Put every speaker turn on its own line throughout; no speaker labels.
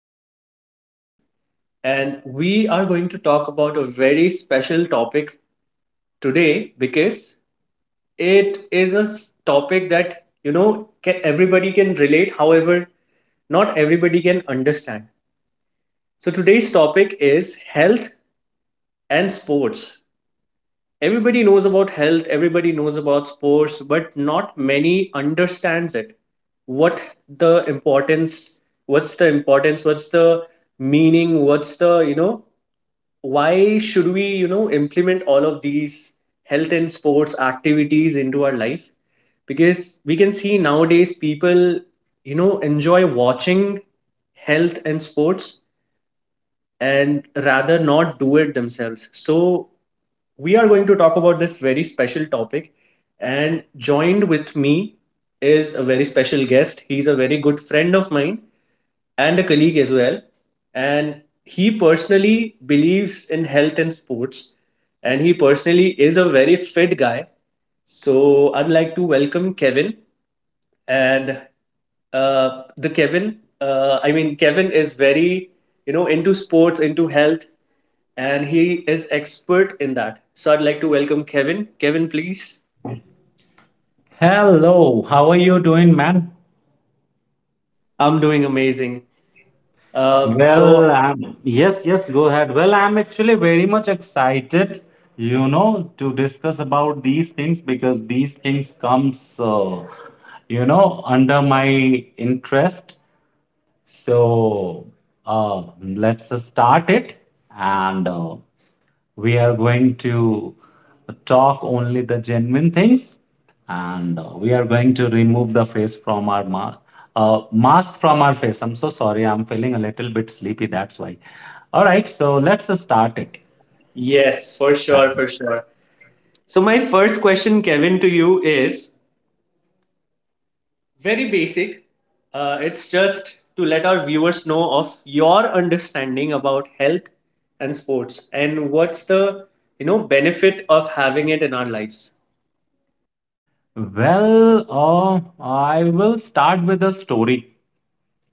Host, Harry, and we are going to talk about a very special topic today because it is a topic that, everybody can relate. However, not everybody can understand. So, today's topic is health and sports. Everybody knows about health, everybody knows about sports, but not many understands it. What the importance, what's the importance, what's the meaning, what's the, why should we, implement all of these health and sports activities into our life, because we can see nowadays people, enjoy watching health and sports and rather not do it themselves. So, we are going to talk about this very special topic. And joined with me is a very special guest. He's a very good friend of mine and a colleague as well. And he personally believes in health and sports. And he personally is a very fit guy. So, I'd like to welcome Kevin and the Kevin. I mean, Kevin is very into sports, into health, and he is expert in that. So I'd like to welcome Kevin. Kevin, please.
Hello, how are you doing, man?
I'm doing amazing. Uh, so
Well, yes, yes, go ahead. Well, I'm actually very much excited, to discuss about these things because these things comes under my interest. So let's start it, and we are going to talk only the genuine things, and we are going to remove the face from our mask from our face. I'm so sorry, I'm feeling a little bit sleepy. That's why. All right, so let's start it.
Yes, for sure, for sure. So my first question, Kevin, to you is very basic. It's just to let our viewers know of your understanding about health and sports, and what's the benefit of having it in our lives.
Well, I will start with a story.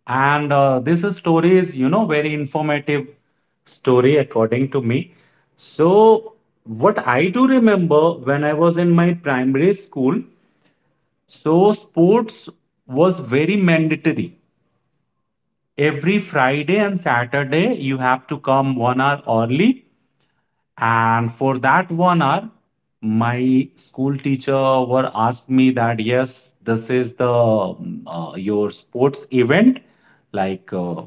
And this story is very informative story according to me. So, what I do remember when I was in my primary school, so sports was very mandatory. Every Friday and Saturday, you have to come 1 hour early, and for that 1 hour my school teacher were asked me that yes, this is the your sports event, like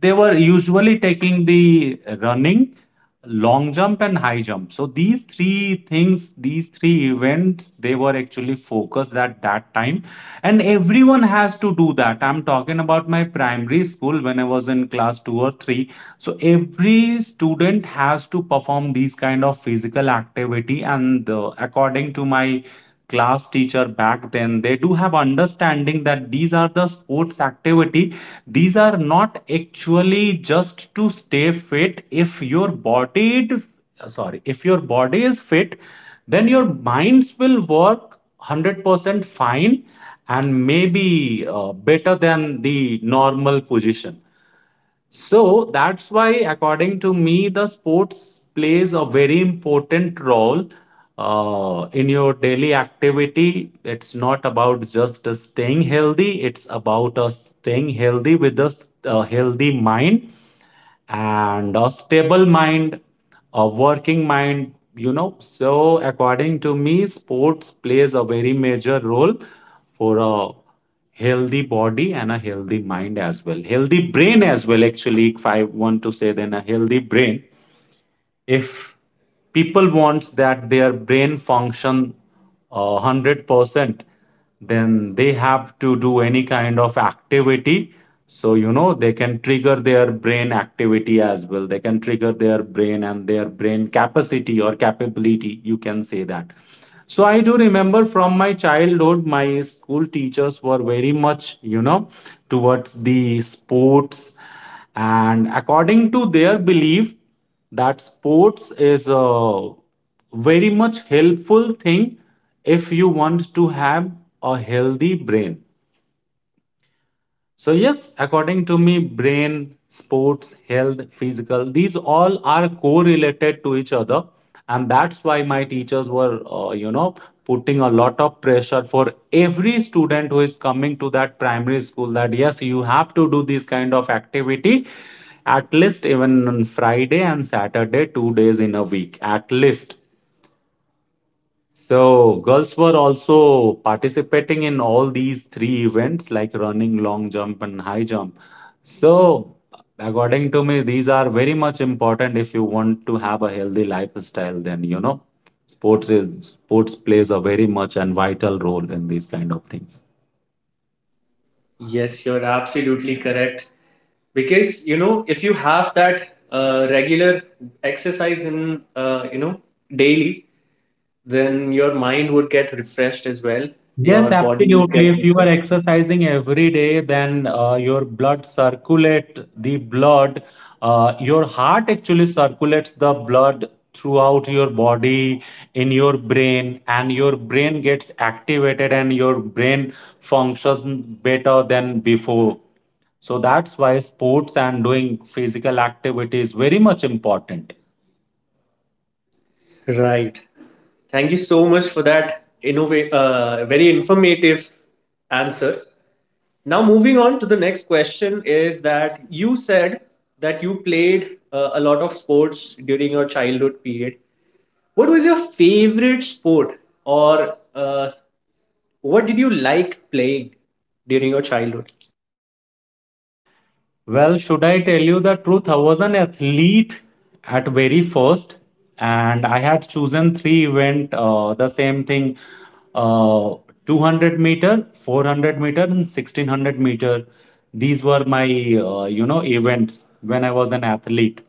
they were usually taking the running, long jump, and high jump, so these three things, these three events, they were actually focused at that time. And everyone has to do that. I'm talking about my primary school when I was in class 2 or 3, so every student has to perform these kind of physical activity. And according to my class teacher back then, they do have understanding that these are the sports activity, these are not actually just to stay fit. If your body, sorry, if your body is fit, then your minds will work 100% fine, and maybe better than the normal position. So that's why, according to me, the sports plays a very important role in your daily activity. It's not about just staying healthy, it's about staying healthy with a healthy mind and a stable mind, a working mind. So, according to me, sports plays a very major role for a healthy body and a healthy mind as well. Healthy brain as well, actually, if I want to say, then a healthy brain, if people wants that their brain function 100%, then they have to do any kind of activity. So they can trigger their brain activity as well, they can trigger their brain and their brain capacity or capability, you can say that. So I do remember from my childhood, my school teachers were very much towards the sports, and according to their belief that sports is a very much helpful thing if you want to have a healthy brain. So yes, according to me, brain, sports, health, physical, these all are correlated to each other, and that's why my teachers were, putting a lot of pressure for every student who is coming to that primary school, that yes, you have to do this kind of activity at least even on Friday and Saturday, 2 days in a week, at least. So girls were also participating in all these three events like running, long jump, and high jump. So according to me, these are very much important. If you want to have a healthy lifestyle, then sports plays a very much and vital role in these kind of things.
Yes, you're absolutely correct. Because you know, if you have that regular exercise in, daily, then your mind would get refreshed as well.
Yes,
Your body would get
absolutely. If you are
refreshed.
exercising every day, then your blood circulate the blood. Your heart actually circulates the blood throughout your body, in your brain, and your brain gets activated and your brain functions better than before. So that's why sports and doing physical activity is very much important.
Right. Thank you so much for that innovate, very informative answer. Now, moving on to the next question is that you said that you played a lot of sports during your childhood period. What was your favorite sport, or what did you like playing during your childhood?
Well, should I tell you the truth? I was an athlete at very first, and I had chosen three event, the same thing, uh, 200 meter, 400 meter, and 1600 meter. These were my, events when I was an athlete.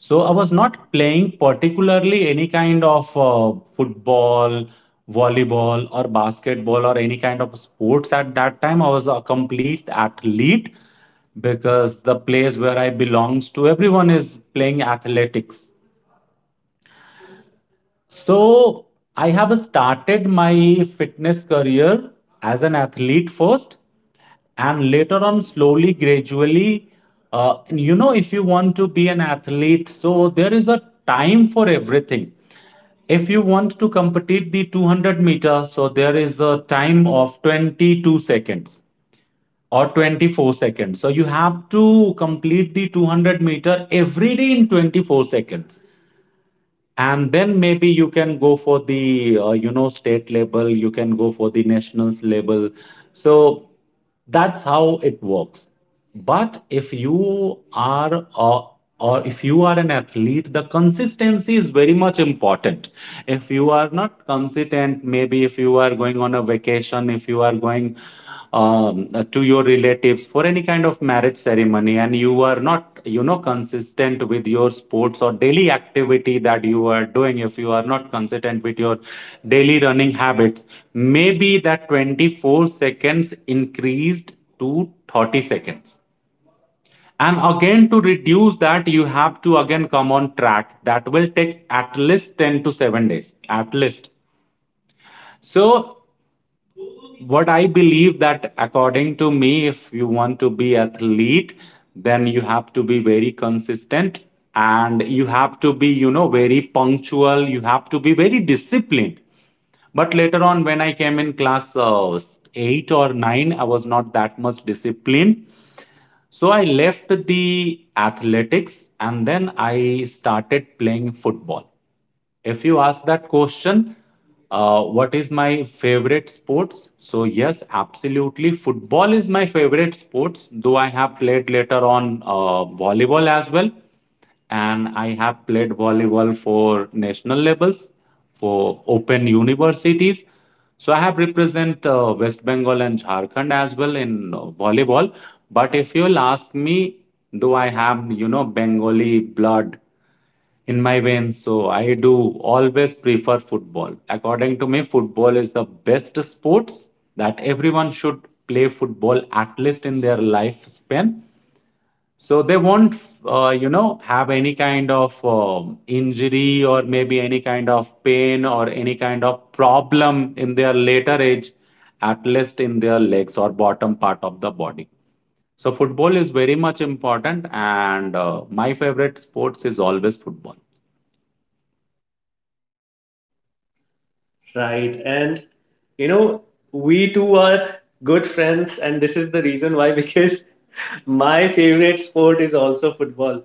So I was not playing particularly any kind of football, volleyball, or basketball, or any kind of sports at that time. I was a complete athlete because the place where I belongs to, everyone is playing athletics. So I have started my fitness career as an athlete first, and later on, slowly, gradually. And if you want to be an athlete, so there is a time for everything. If you want to complete the 200 meter, so there is a time of 22 seconds or 24 seconds. So you have to complete the 200-meter every day in 24 seconds, and then maybe you can go for the, state level, you can go for the nationals level. So that's how it works. But if you are, or if you are an athlete, the consistency is very much important. If you are not consistent, maybe if you are going on a vacation, if you are going to your relatives for any kind of marriage ceremony, and you are not consistent with your sports or daily activity that you are doing. If you are not consistent with your daily running habits, maybe that 24 seconds increased to 30 seconds, and again to reduce that, you have to again come on track, that will take at least 10 to 7 days, at least. So what I believe that, according to me, if you want to be athlete, then you have to be very consistent, and you have to be very punctual, you have to be very disciplined. But later on when I came in class 8 or 9, I was not that much disciplined. So I left the athletics, and then I started playing football. If you ask that question, what is my favorite sports? So yes, absolutely, football is my favorite sports. Though I have played later on volleyball as well, and I have played volleyball for national levels, for open universities. So I have represent West Bengal and Jharkhand as well in volleyball. But if you'll ask me, though I have Bengali blood in my veins. So I do always prefer football. According to me, football is the best sports that everyone should play football at least in their lifespan. So they won't, have any kind of injury, or maybe any kind of pain or any kind of problem in their later age, at least in their legs or bottom part of the body. So football is very much important, and my favorite sports is always football.
Right. And, you know, we two are good friends, and this is the reason why, because my favorite sport is also football.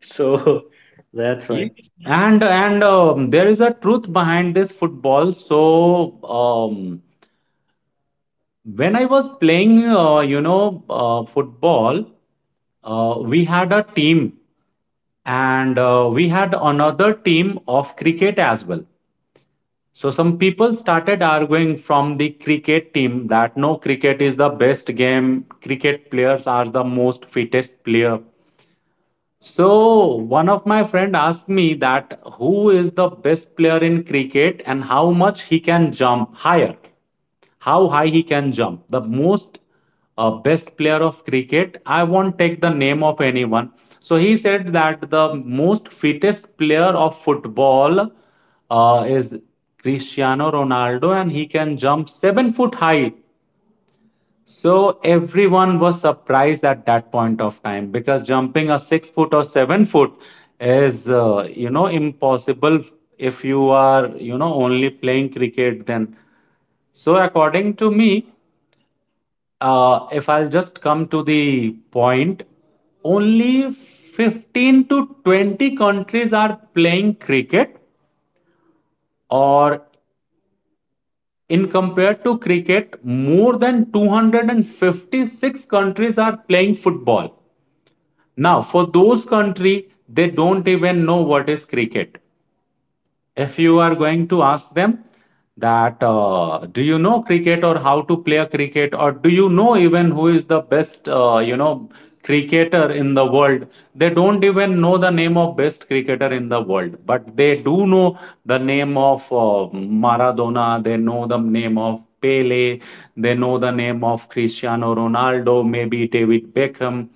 So that's why.
Yes. And there is a truth behind this football. So when I was playing, football, we had a team, and we had another team of cricket as well. So some people started arguing from the cricket team that no, cricket is the best game. Cricket players are the most fittest player. So one of my friend asked me that who is the best player in cricket and how much he can jump higher, how high he can jump. The most best player of cricket. I won't take the name of anyone. So he said that the most fittest player of football is Cristiano Ronaldo, and he can jump 7 foot high. So everyone was surprised at that point of time because jumping a 6 foot or 7 foot is, impossible if you are, only playing cricket then. So according to me, if I'll just come to the point, only 15 to 20 countries are playing cricket, or in compared to cricket, more than 256 countries are playing football. Now, for those country, they don't even know what is cricket. If you are going to ask them that, do you know cricket or how to play a cricket or do you know even who is the best, cricketer in the world? They don't even know the name of best cricketer in the world, but they do know the name of Maradona. They know the name of Pele. They know the name of Cristiano Ronaldo, maybe David Beckham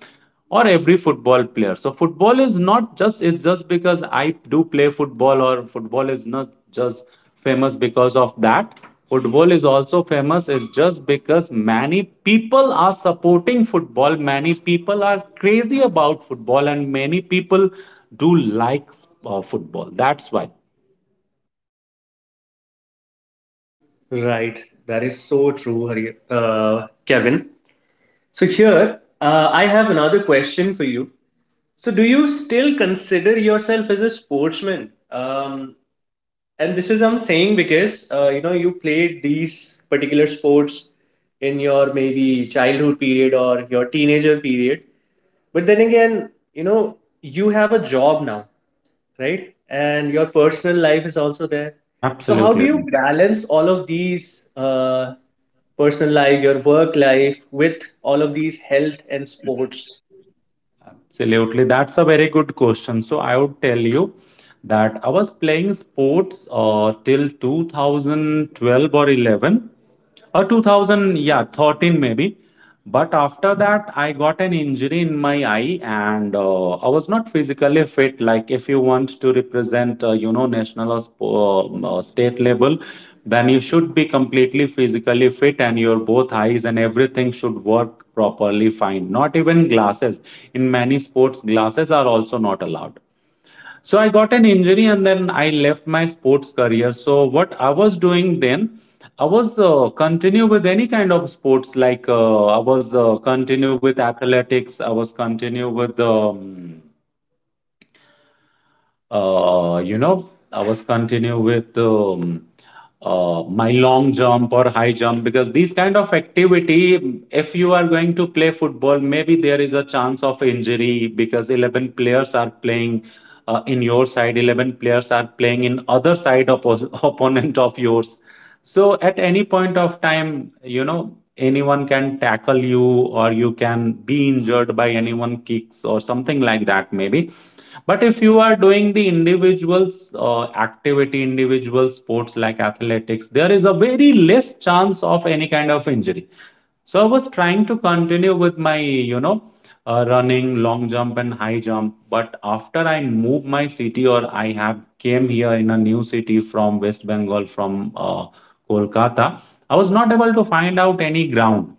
or every football player. So football is not just, it's just because I do play football, or football is not just famous because of that. Football is also famous is just because many people are supporting football, many people are crazy about football, and many people do like football, that's why.
Right. That is so true, Kevin. So here, I have another question for you. So do you still consider yourself as a sportsman? And this is I'm saying because you know you played these particular sports in your maybe childhood period or your teenager period, but then again, you know you have a job now, right? And your personal life is also there. So how do you
Absolutely.
balance all of these personal life, your work life with all of these health and sports?
Absolutely. That's a very good question. So I would tell you that I was playing sports till 2012 or 11 or 2000, yeah, 13 maybe. But after that, I got an injury in my eye, and I was not physically fit. Like if you want to represent, national or state level, then you should be completely physically fit and your both eyes and everything should work properly fine, not even glasses. In many sports glasses are also not allowed. So I got an injury and then I left my sports career. So what I was doing then, I was continue with any kind of sports. Like I was continue with athletics, I was continue with I was continue with my long jump or high jump. Because these kind of activity, if you are going to play football, maybe there is a chance of injury because 11 players are playing in your side, 11 players are playing in other side of opponent of yours. So at any point of time, you know, anyone can tackle you or you can be injured by anyone kicks or something like that maybe. But if you are doing the individuals activity, individual sports like athletics, there is a very less chance of any kind of injury. So I was trying to continue with my, you know, running, long jump, and high jump. But after I moved my city, or I have came here in a new city from West Bengal, from Kolkata, I was not able to find out any ground.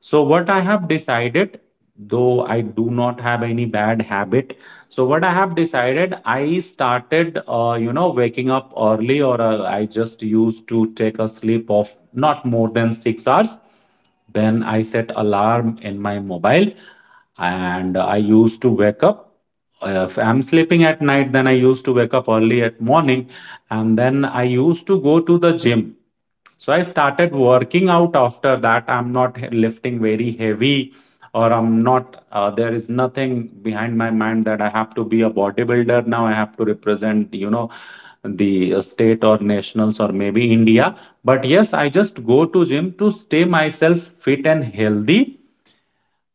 So what I have decided, though I do not have any bad habit, so what I have decided, I started, you know, waking up early, or I just used to take a sleep of not more than 6 hours. Then I set alarm in my mobile, and I used to wake up. If I'm sleeping at night, then I used to wake up early at morning, and then I used to go to the gym. So I started working out after that. I'm not lifting very heavy, or I'm not, there is nothing behind my mind that I have to be a bodybuilder now. I have to represent, you know, the state or nationals or maybe India. But yes, I just go to gym to stay myself fit and healthy.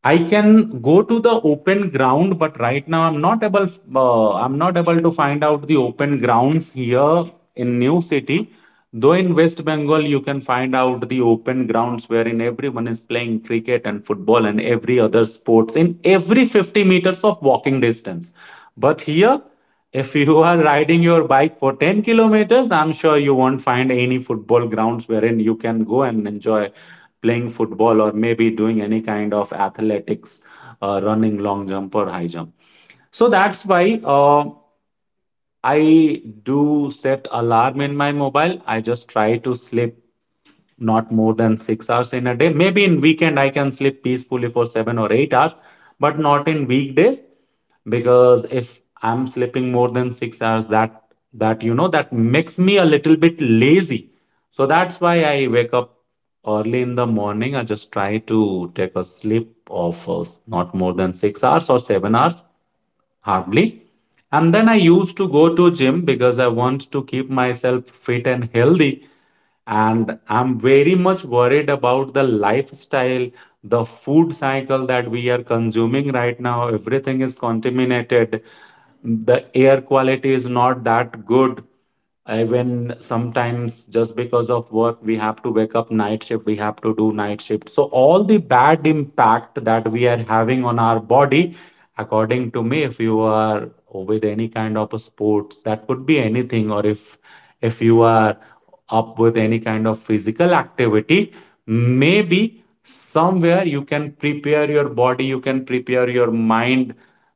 I can go to the open ground, but right now I'm not able. I'm not able to find out the open grounds here in New City. Though in West Bengal, you can find out the open grounds wherein everyone is playing cricket and football and every other sports in every 50 meters of walking distance. But here, if you are riding your bike for 10 kilometers, I'm sure you won't find any football grounds wherein you can go and enjoy playing football or maybe doing any kind of athletics, running, long jump or high jump. So that's why I do set alarm in my mobile. I just try to sleep not more than 6 hours in a day. Maybe in weekend I can sleep peacefully for 7 or 8 hours, but not in weekdays. Because if I'm sleeping more than 6 hours, that you know, that makes me a little bit lazy. So that's why I wake up early in the morning. I just try to take a sleep of not more than 6 hours or 7 hours hardly, and then I used to go to gym because I want to keep myself fit and healthy. And I'm very much worried about the lifestyle, the food cycle that we are consuming right now. Everything is contaminated, the air quality is not that good. Even sometimes just because of work we have to wake up night shift, we have to do night shift. So all the bad impact that we are having on our body, according to me, if you are with any kind of a sports, that could be anything, or if you are up with any kind of physical activity, maybe somewhere you can prepare your body, you can prepare your mind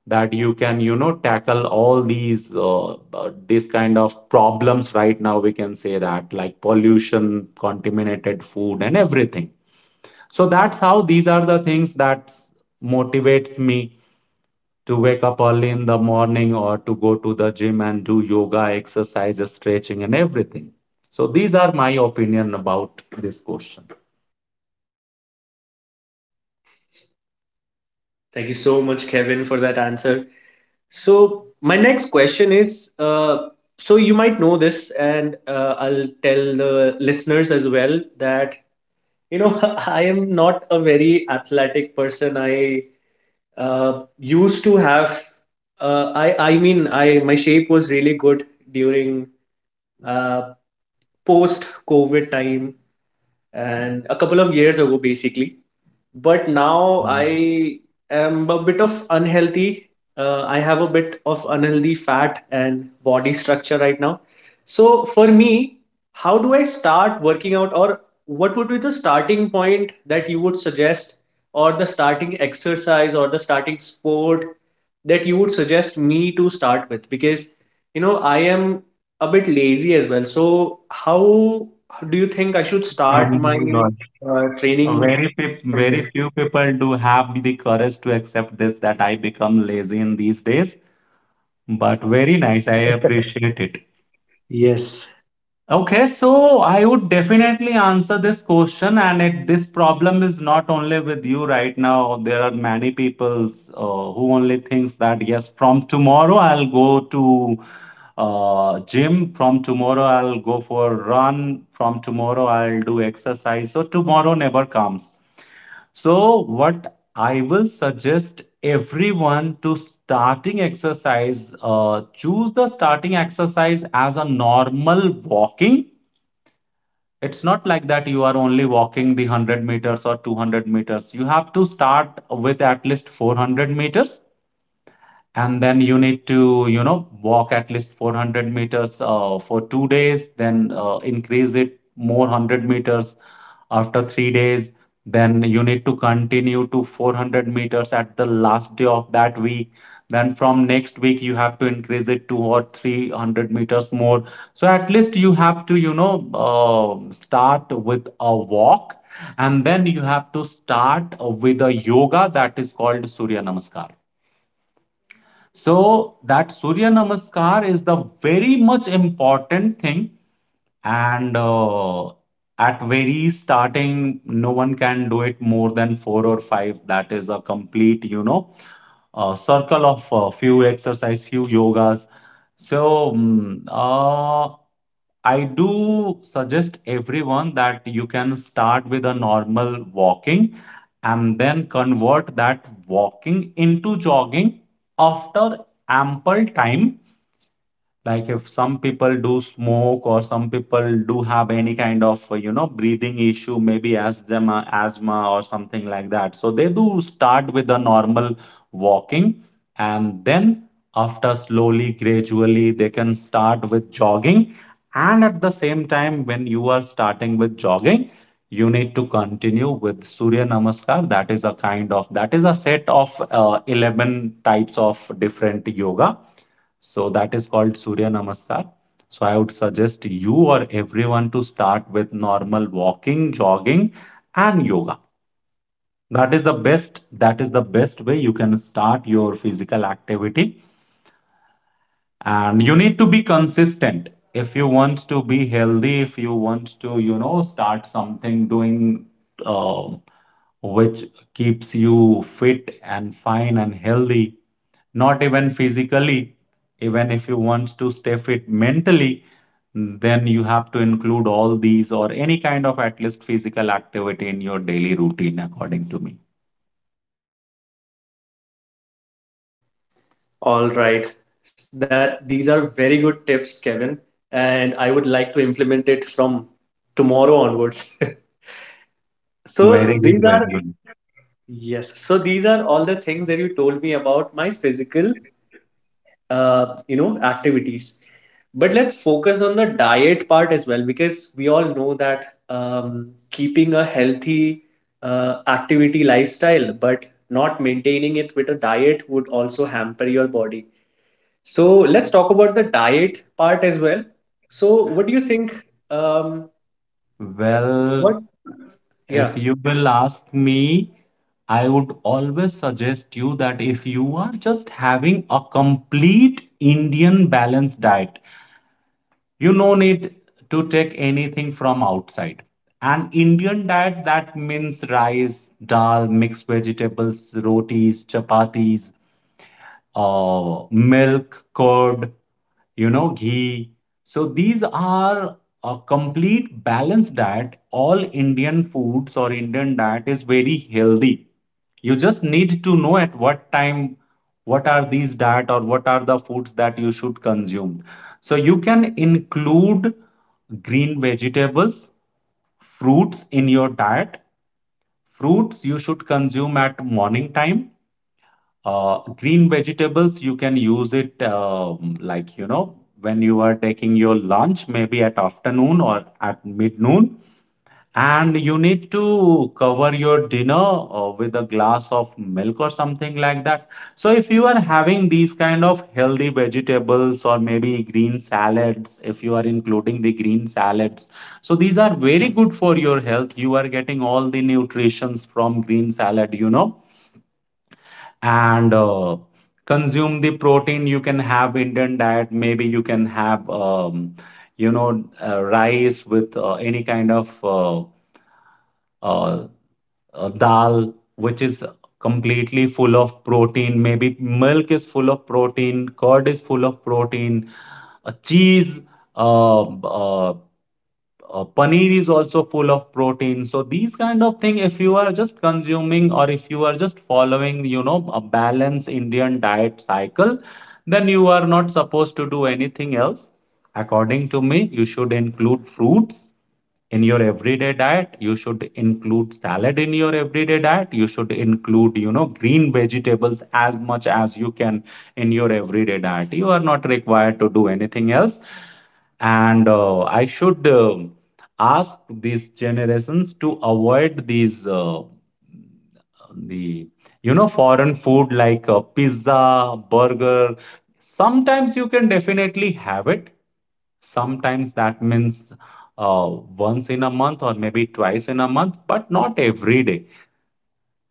that you can, you know, tackle all these kind of problems right now we can say that, like pollution, contaminated food and everything. So that's how these are the things that motivates me to wake up early in the morning or to go to the gym and do yoga, exercise, stretching and everything. So these are my opinion about this question.
Thank you so much, Kevin, for that answer. So my next question is, you might know this, and I'll tell the listeners as well that you know I am not a very athletic person. I used to have, I my shape was really good during, uh, post-COVID time and a couple of years ago basically, but now
Mhm.
I am a bit of unhealthy. I have a bit of unhealthy fat and body structure right now. So for me, how do I start working out, or what would be the starting point that you would suggest, or the starting exercise or the starting sport that you would suggest me to start with? Because you know I am a bit lazy as well. So how do you think I should
Oh
start
my
my
God. Uh,
training
Very, pe- very
career?
few people do have the courage to accept this that I become lazy in these days, but very nice. I appreciate it.
Yes.
Okay, so I would definitely answer this question, and it, this problem is not only with you right now. There are many people who only thinks that yes, from tomorrow I'll go to gym. From tomorrow I'll go for run. From tomorrow I'll do exercise. So tomorrow never comes. So, what I will suggest everyone to starting exercise, choose the starting exercise as a normal walking. It's not like that you are only walking the 100 meters or 200 meters. You have to start with at least 400 meters, and then you need to, you know, walk at least 400 meters for 2 days, then increase it more 100 meters after 3 days. Then you need to continue to 400 meters at the last day of that week. Then from next week you have to increase it to or 300 meters more. So at least you have to, you know, start with a walk, and then you have to start with a yoga that is called Surya Namaskar. So that Surya Namaskar is the very much important thing, and at very starting, no one can do it more than four or five. That is a complete, you know, circle of few exercise, few yogas. So I do suggest everyone that you can start with a normal walking and then convert that walking into jogging after ample time. Like if some people do smoke or some people do have any kind of, you know, breathing issue, maybe asthma, asthma or something like that. So they do start with a normal walking, and then after slowly, gradually, they can start with jogging. And at the same time, when you are starting with jogging, you need to continue with Surya Namaskar. That is a kind of, that is a set of 11 types of different yoga, so that is called Surya Namaskar. So I would suggest you or everyone to start with normal walking, jogging, and yoga. That is the best, that is the best way you can start your physical activity. And you need to be consistent. If you want to be healthy, if you want to, you know, start something doing um which keeps you fit and fine and healthy, not even physically, even if you want to stay fit mentally, then you have to include all these or any kind of at least physical activity in your daily routine according to me.
All right. That These are very good tips, Kevin, and I would like to implement it from tomorrow onwards.
Oh,
So
very good,
these
very
are,
good.
Yes, so these are all the things that you told me about my physical, activities. But let's focus on the diet part as well, because we all know that keeping a healthy activity lifestyle but not maintaining it with a diet would also hamper your body. So let's talk about the diet part as well. So what do you think? um,
Well,
what?
if
Yeah.
you will ask me, I would always suggest you that if you are just having a complete Indian balanced diet, you no need to take anything from outside. An Indian diet, that means rice, dal, mixed vegetables, rotis, chapatis, uh, milk, curd, you know, ghee. So these are a complete balanced diet. All Indian foods or Indian diet is very healthy. You just need to know at what time, what are these diet or what are the foods that you should consume. So you can include green vegetables, fruits in your diet. Fruits you should consume at morning time. uh, Green vegetables you can use it, like you know, when you are taking your lunch, maybe at afternoon or at mid noon, and you need to cover your dinner with a glass of milk or something like that. So, if you are having these kind of healthy vegetables or maybe green salads, if you are including the green salads, so these are very good for your health. You are getting all the nutritions from green salad, you know, and consume the protein. You can have Indian diet. Maybe you can have, you know, rice with any kind of. Uh, dal, which is completely full of protein. Maybe milk is full of protein, curd is full of protein, cheese, uh, uh, paneer is also full of protein. So these kind of thing, if you are just consuming, or if you are just following, a balanced Indian diet cycle, then you are not supposed to do anything else. According to me, you should include fruits in your everyday diet, you should include salad in your everyday diet, you should include, green vegetables as much as you can in your everyday diet. You are not required to do anything else. And I should ask these generations to avoid these the foreign food like pizza, burger. Sometimes you can definitely have it. Sometimes that means uh, once in a month or maybe twice in a month, but not every day.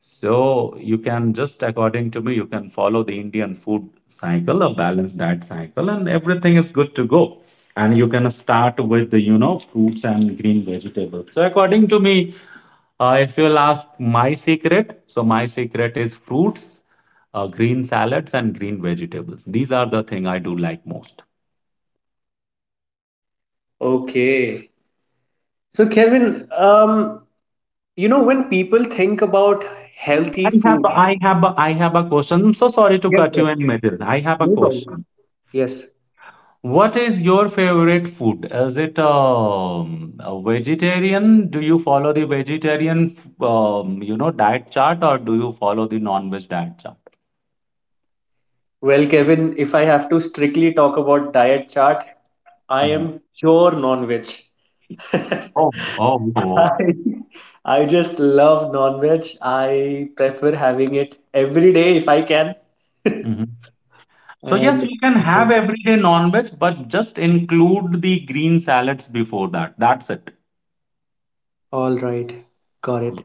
So you can just, according to me, you can follow the Indian food cycle, a balanced diet cycle, and everything is good to go. And you can start with the, fruits and green vegetables. So according to me, if you'll ask my secret, so my secret is fruits, green salads, and green vegetables. These are the thing I do like most.
Okay, so Kevin, you know when people think about healthy food.
I have a question. I'm so sorry to
Yes,
cut you
yes,
in middle. I have a
no problem,
question.
yes.
What is your favorite food? Is it a vegetarian? Do you follow the vegetarian, diet chart, or do you follow the non-veg diet chart?
Well, Kevin, if I have to strictly talk about diet chart, I
Mm.
am pure non-veg.
Oh, oh.
I, I just love non-veg. I prefer having it every day if I can.
Hmm. So yes,
And
you can
so,
have every day non-veg, but just include the green salads before that. That's it.
all right, got it.
Yeah.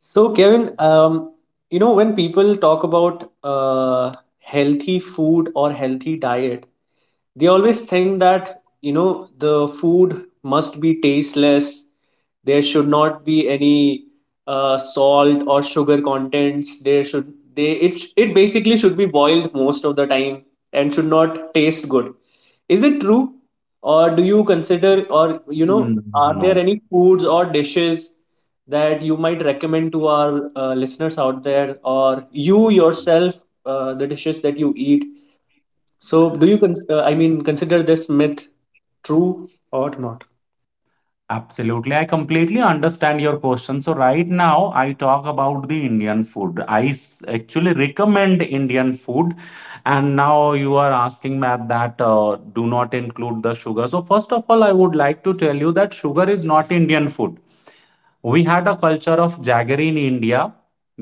So, Kevin, you know, when people talk about healthy food or healthy diet, they always think that you know the food must be tasteless, there should not be any salt or sugar contents, there should, they it it basically should be boiled most of the time and should not taste good. Is it true, or do you consider, or you know
Mm.
are there
No,
any foods or dishes that you might recommend to our listeners out there, or you yourself, the dishes that you eat? So, do you, consider this myth true or not?
absolutely. I completely understand your question. So right now, I talk about the Indian food. Actually recommend Indian food. And now you are asking me that, do not include the sugar. So first of all, I would like to tell you that sugar is not Indian food. We had a culture of jaggery in India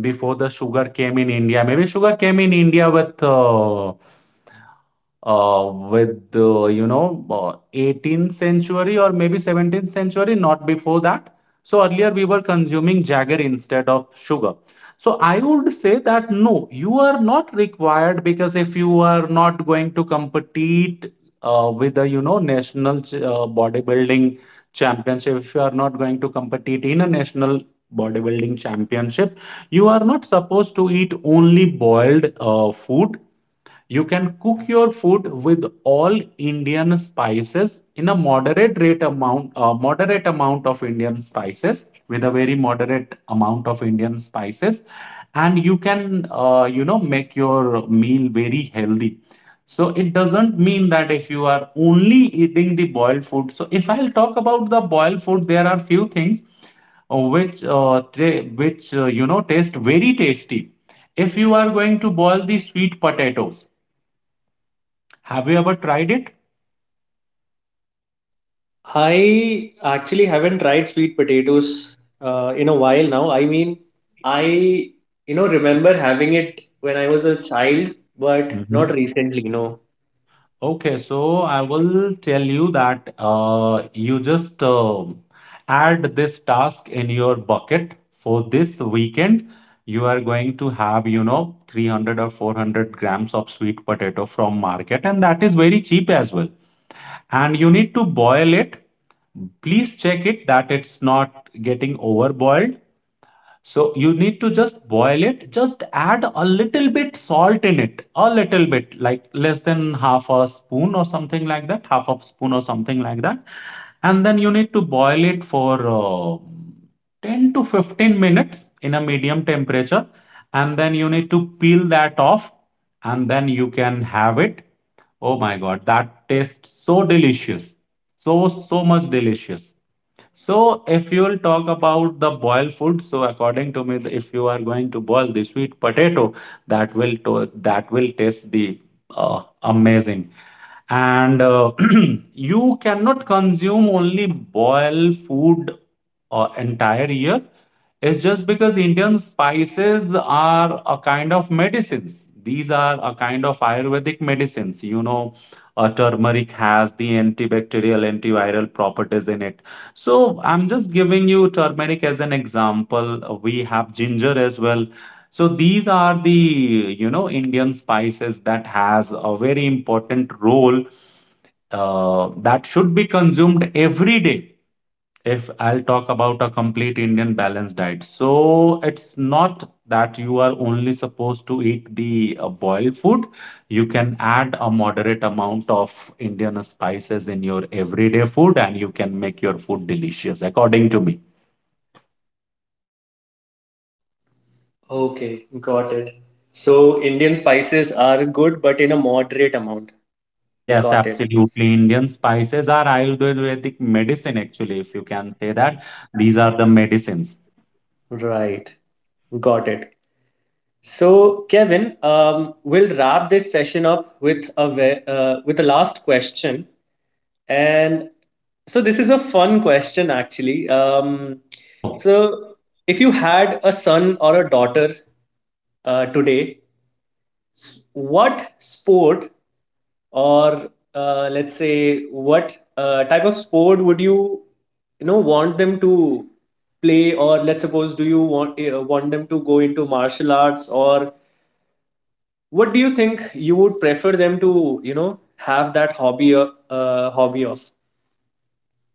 before the sugar came in India. Maybe sugar came in India with 18th century or maybe 17th century, not before that. So earlier we were consuming jaggery instead of sugar. So I would say that no, you are not required, because if you are not going to compete with the, national bodybuilding championship, if you are not going to compete in a national bodybuilding championship, you are not supposed to eat only boiled food. You can cook your food with all Indian spices in a moderate rate amount, moderate amount of Indian spices, with a very moderate amount of Indian spices, and you can, make your meal very healthy. So it doesn't mean that if you are only eating the boiled food. So if I'll talk about the boiled food, there are few things which, taste very tasty. If you are going to boil the sweet potatoes, have you ever tried it?
I actually haven't tried sweet potatoes in a while now. I mean, I you know remember having it when I was a child, but not
Mhm.
recently, no.
Okay, so I will tell you that you just add this task in your bucket for this weekend. You are going to have, you know, 300 or 400 grams of sweet potato from market, and that is very cheap as well. And you need to boil it. Please check it that it's not getting overboiled. So you need to just boil it, just add a little bit salt in it, a little bit, like less than half a spoon or something like that, half a spoon or something like that. And then you need to boil it for 10 to 15 minutes in a medium temperature. And then you need to peel that off, and then you can have it. Oh my God, that tastes so delicious. So, so much delicious. So if you'll talk about the boiled food, so according to me, if you are going to boil the sweet potato, that will taste the amazing. And you cannot consume only boiled food entire year. It's just because Indian spices are a kind of medicines. These are a kind of Ayurvedic medicines. You know, turmeric has the antibacterial, antiviral properties in it, so I'm just giving you turmeric as an example. We have ginger as well. So these are the, you know, Indian spices that has a very important role that should be consumed every day. If I'll talk about a complete Indian balanced diet, so it's not that you are only supposed to eat the boiled food. You can add a moderate amount of Indian spices in your everyday food, and you can make your food delicious, according to me.
Okay, got it. So Indian spices are good, but in a moderate amount.
Yes,
Got it.
absolutely. Indian spices are Ayurvedic medicine, actually, if you can say that. These are the medicines.
Right. Got it. So, Kevin, we'll wrap this session up with a with a last question. And so this is a fun question actually. Um,
Oh,
so if you had a son or a daughter today, what sport or let's say what type of sport would you you know want them to play, or let's suppose, do you want them to go into martial arts, or what do you think you would prefer them to you know have that hobby hobby of?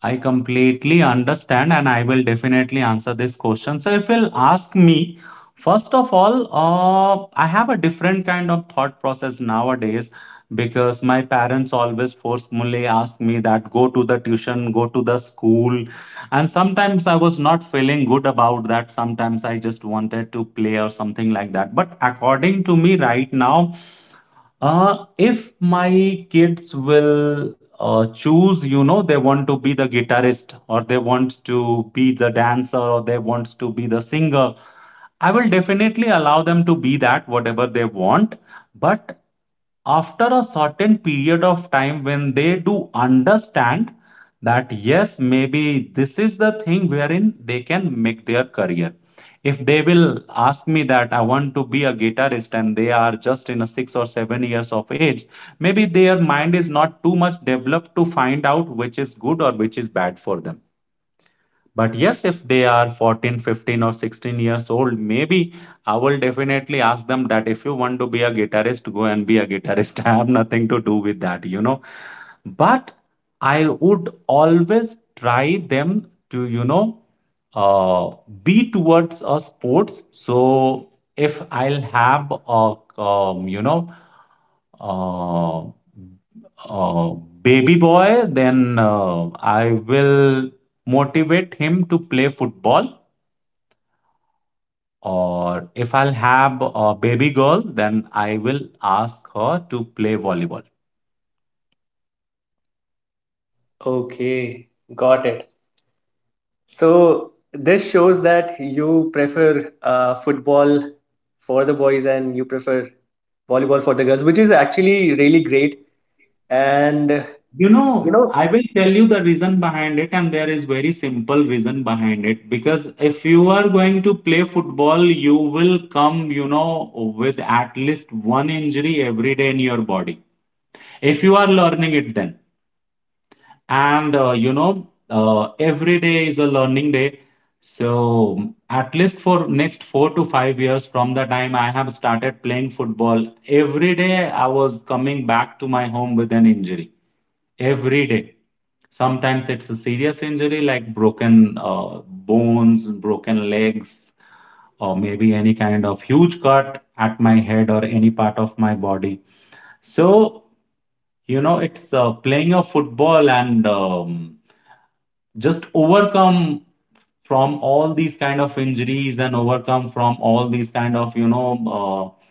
I completely understand, and I will definitely answer this question. So, if you'll ask me, first of all, I have a different kind of thought process nowadays, because my parents always forcefully ask me that go to the tuition, go to the school, and sometimes I was not feeling good about that. Sometimes I just wanted to play or something like that. But according to me, right now, if my kids will choose, you know, they want to be the guitarist, or they want to be the dancer, or they wants to be the singer, I will definitely allow them to be that, whatever they want. But after a certain period of time, when they do understand that, yes, maybe this is the thing wherein they can make their career. If they will ask me that I want to be a guitarist and they are just in a 6 or 7 years of age, maybe their mind is not too much developed to find out which is good or which is bad for them. But yes, if they are 14, 15, or 16 years old, maybe I will definitely ask them that if you want to be a guitarist, go and be a guitarist. I have nothing to do with that, you know. But I would always try them to, you know, uh, be towards a sports. So if I'll have a, um, you know, uh, uh, baby boy, then I will motivate him to play football. Or if I'll have a baby girl, then I will ask her to play volleyball.
Okay, got it. So this shows that you prefer football for the boys and you prefer volleyball for the girls, which is actually really great. And
You
you
know,
know,
I will tell you the reason behind it, and there is very simple reason behind it. Because if you are going to play football, you will come, you know, with at least one injury every day in your body. If you are learning it then. And you know, every day is a learning day. So at least for next 4 to 5 years from the time I have started playing football, every day I was coming back to my home with an injury. Every day. Sometimes it's a serious injury like broken bones, broken legs, or maybe any kind of huge cut at my head or any part of my body. So, you know, it's playing of football, and just overcome from all these kind of injuries, and overcome from all these kind of, you know,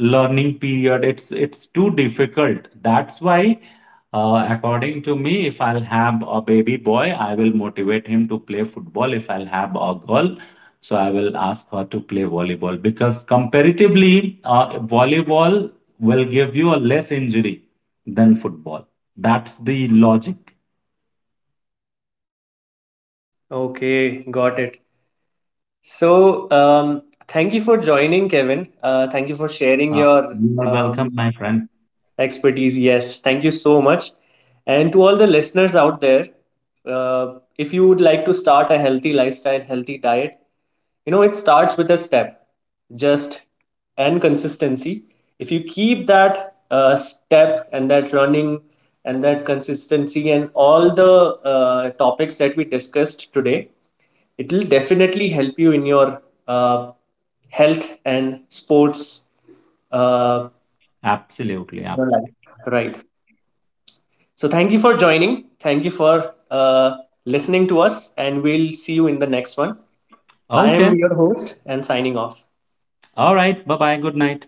learning period. It's too difficult. That's why, according to me, if I'll have a baby boy, I will motivate him to play football. If I'll have a girl, so I will ask her to play volleyball, because comparatively, volleyball will give you a less injury than football. That's the logic.
okay, got it. So thank you for joining, Kevin. Thank you for sharing
uh,
your
you are welcome, my
um,
friend.
expertise. Yes, thank you so much. And to all the listeners out there, if you would like to start a healthy lifestyle, healthy diet, you know, it starts with a step, just, and consistency. If you keep that step and that running and that consistency and all the topics that we discussed today, it will definitely help you in your uh, health and sports uh,
Absolutely,
in your life.
absolutely.
Right. So thank you for joining. Thank you for listening to us, and we'll see you in the next one. I am
Okay.
your host and signing off.
All right, bye bye, good night.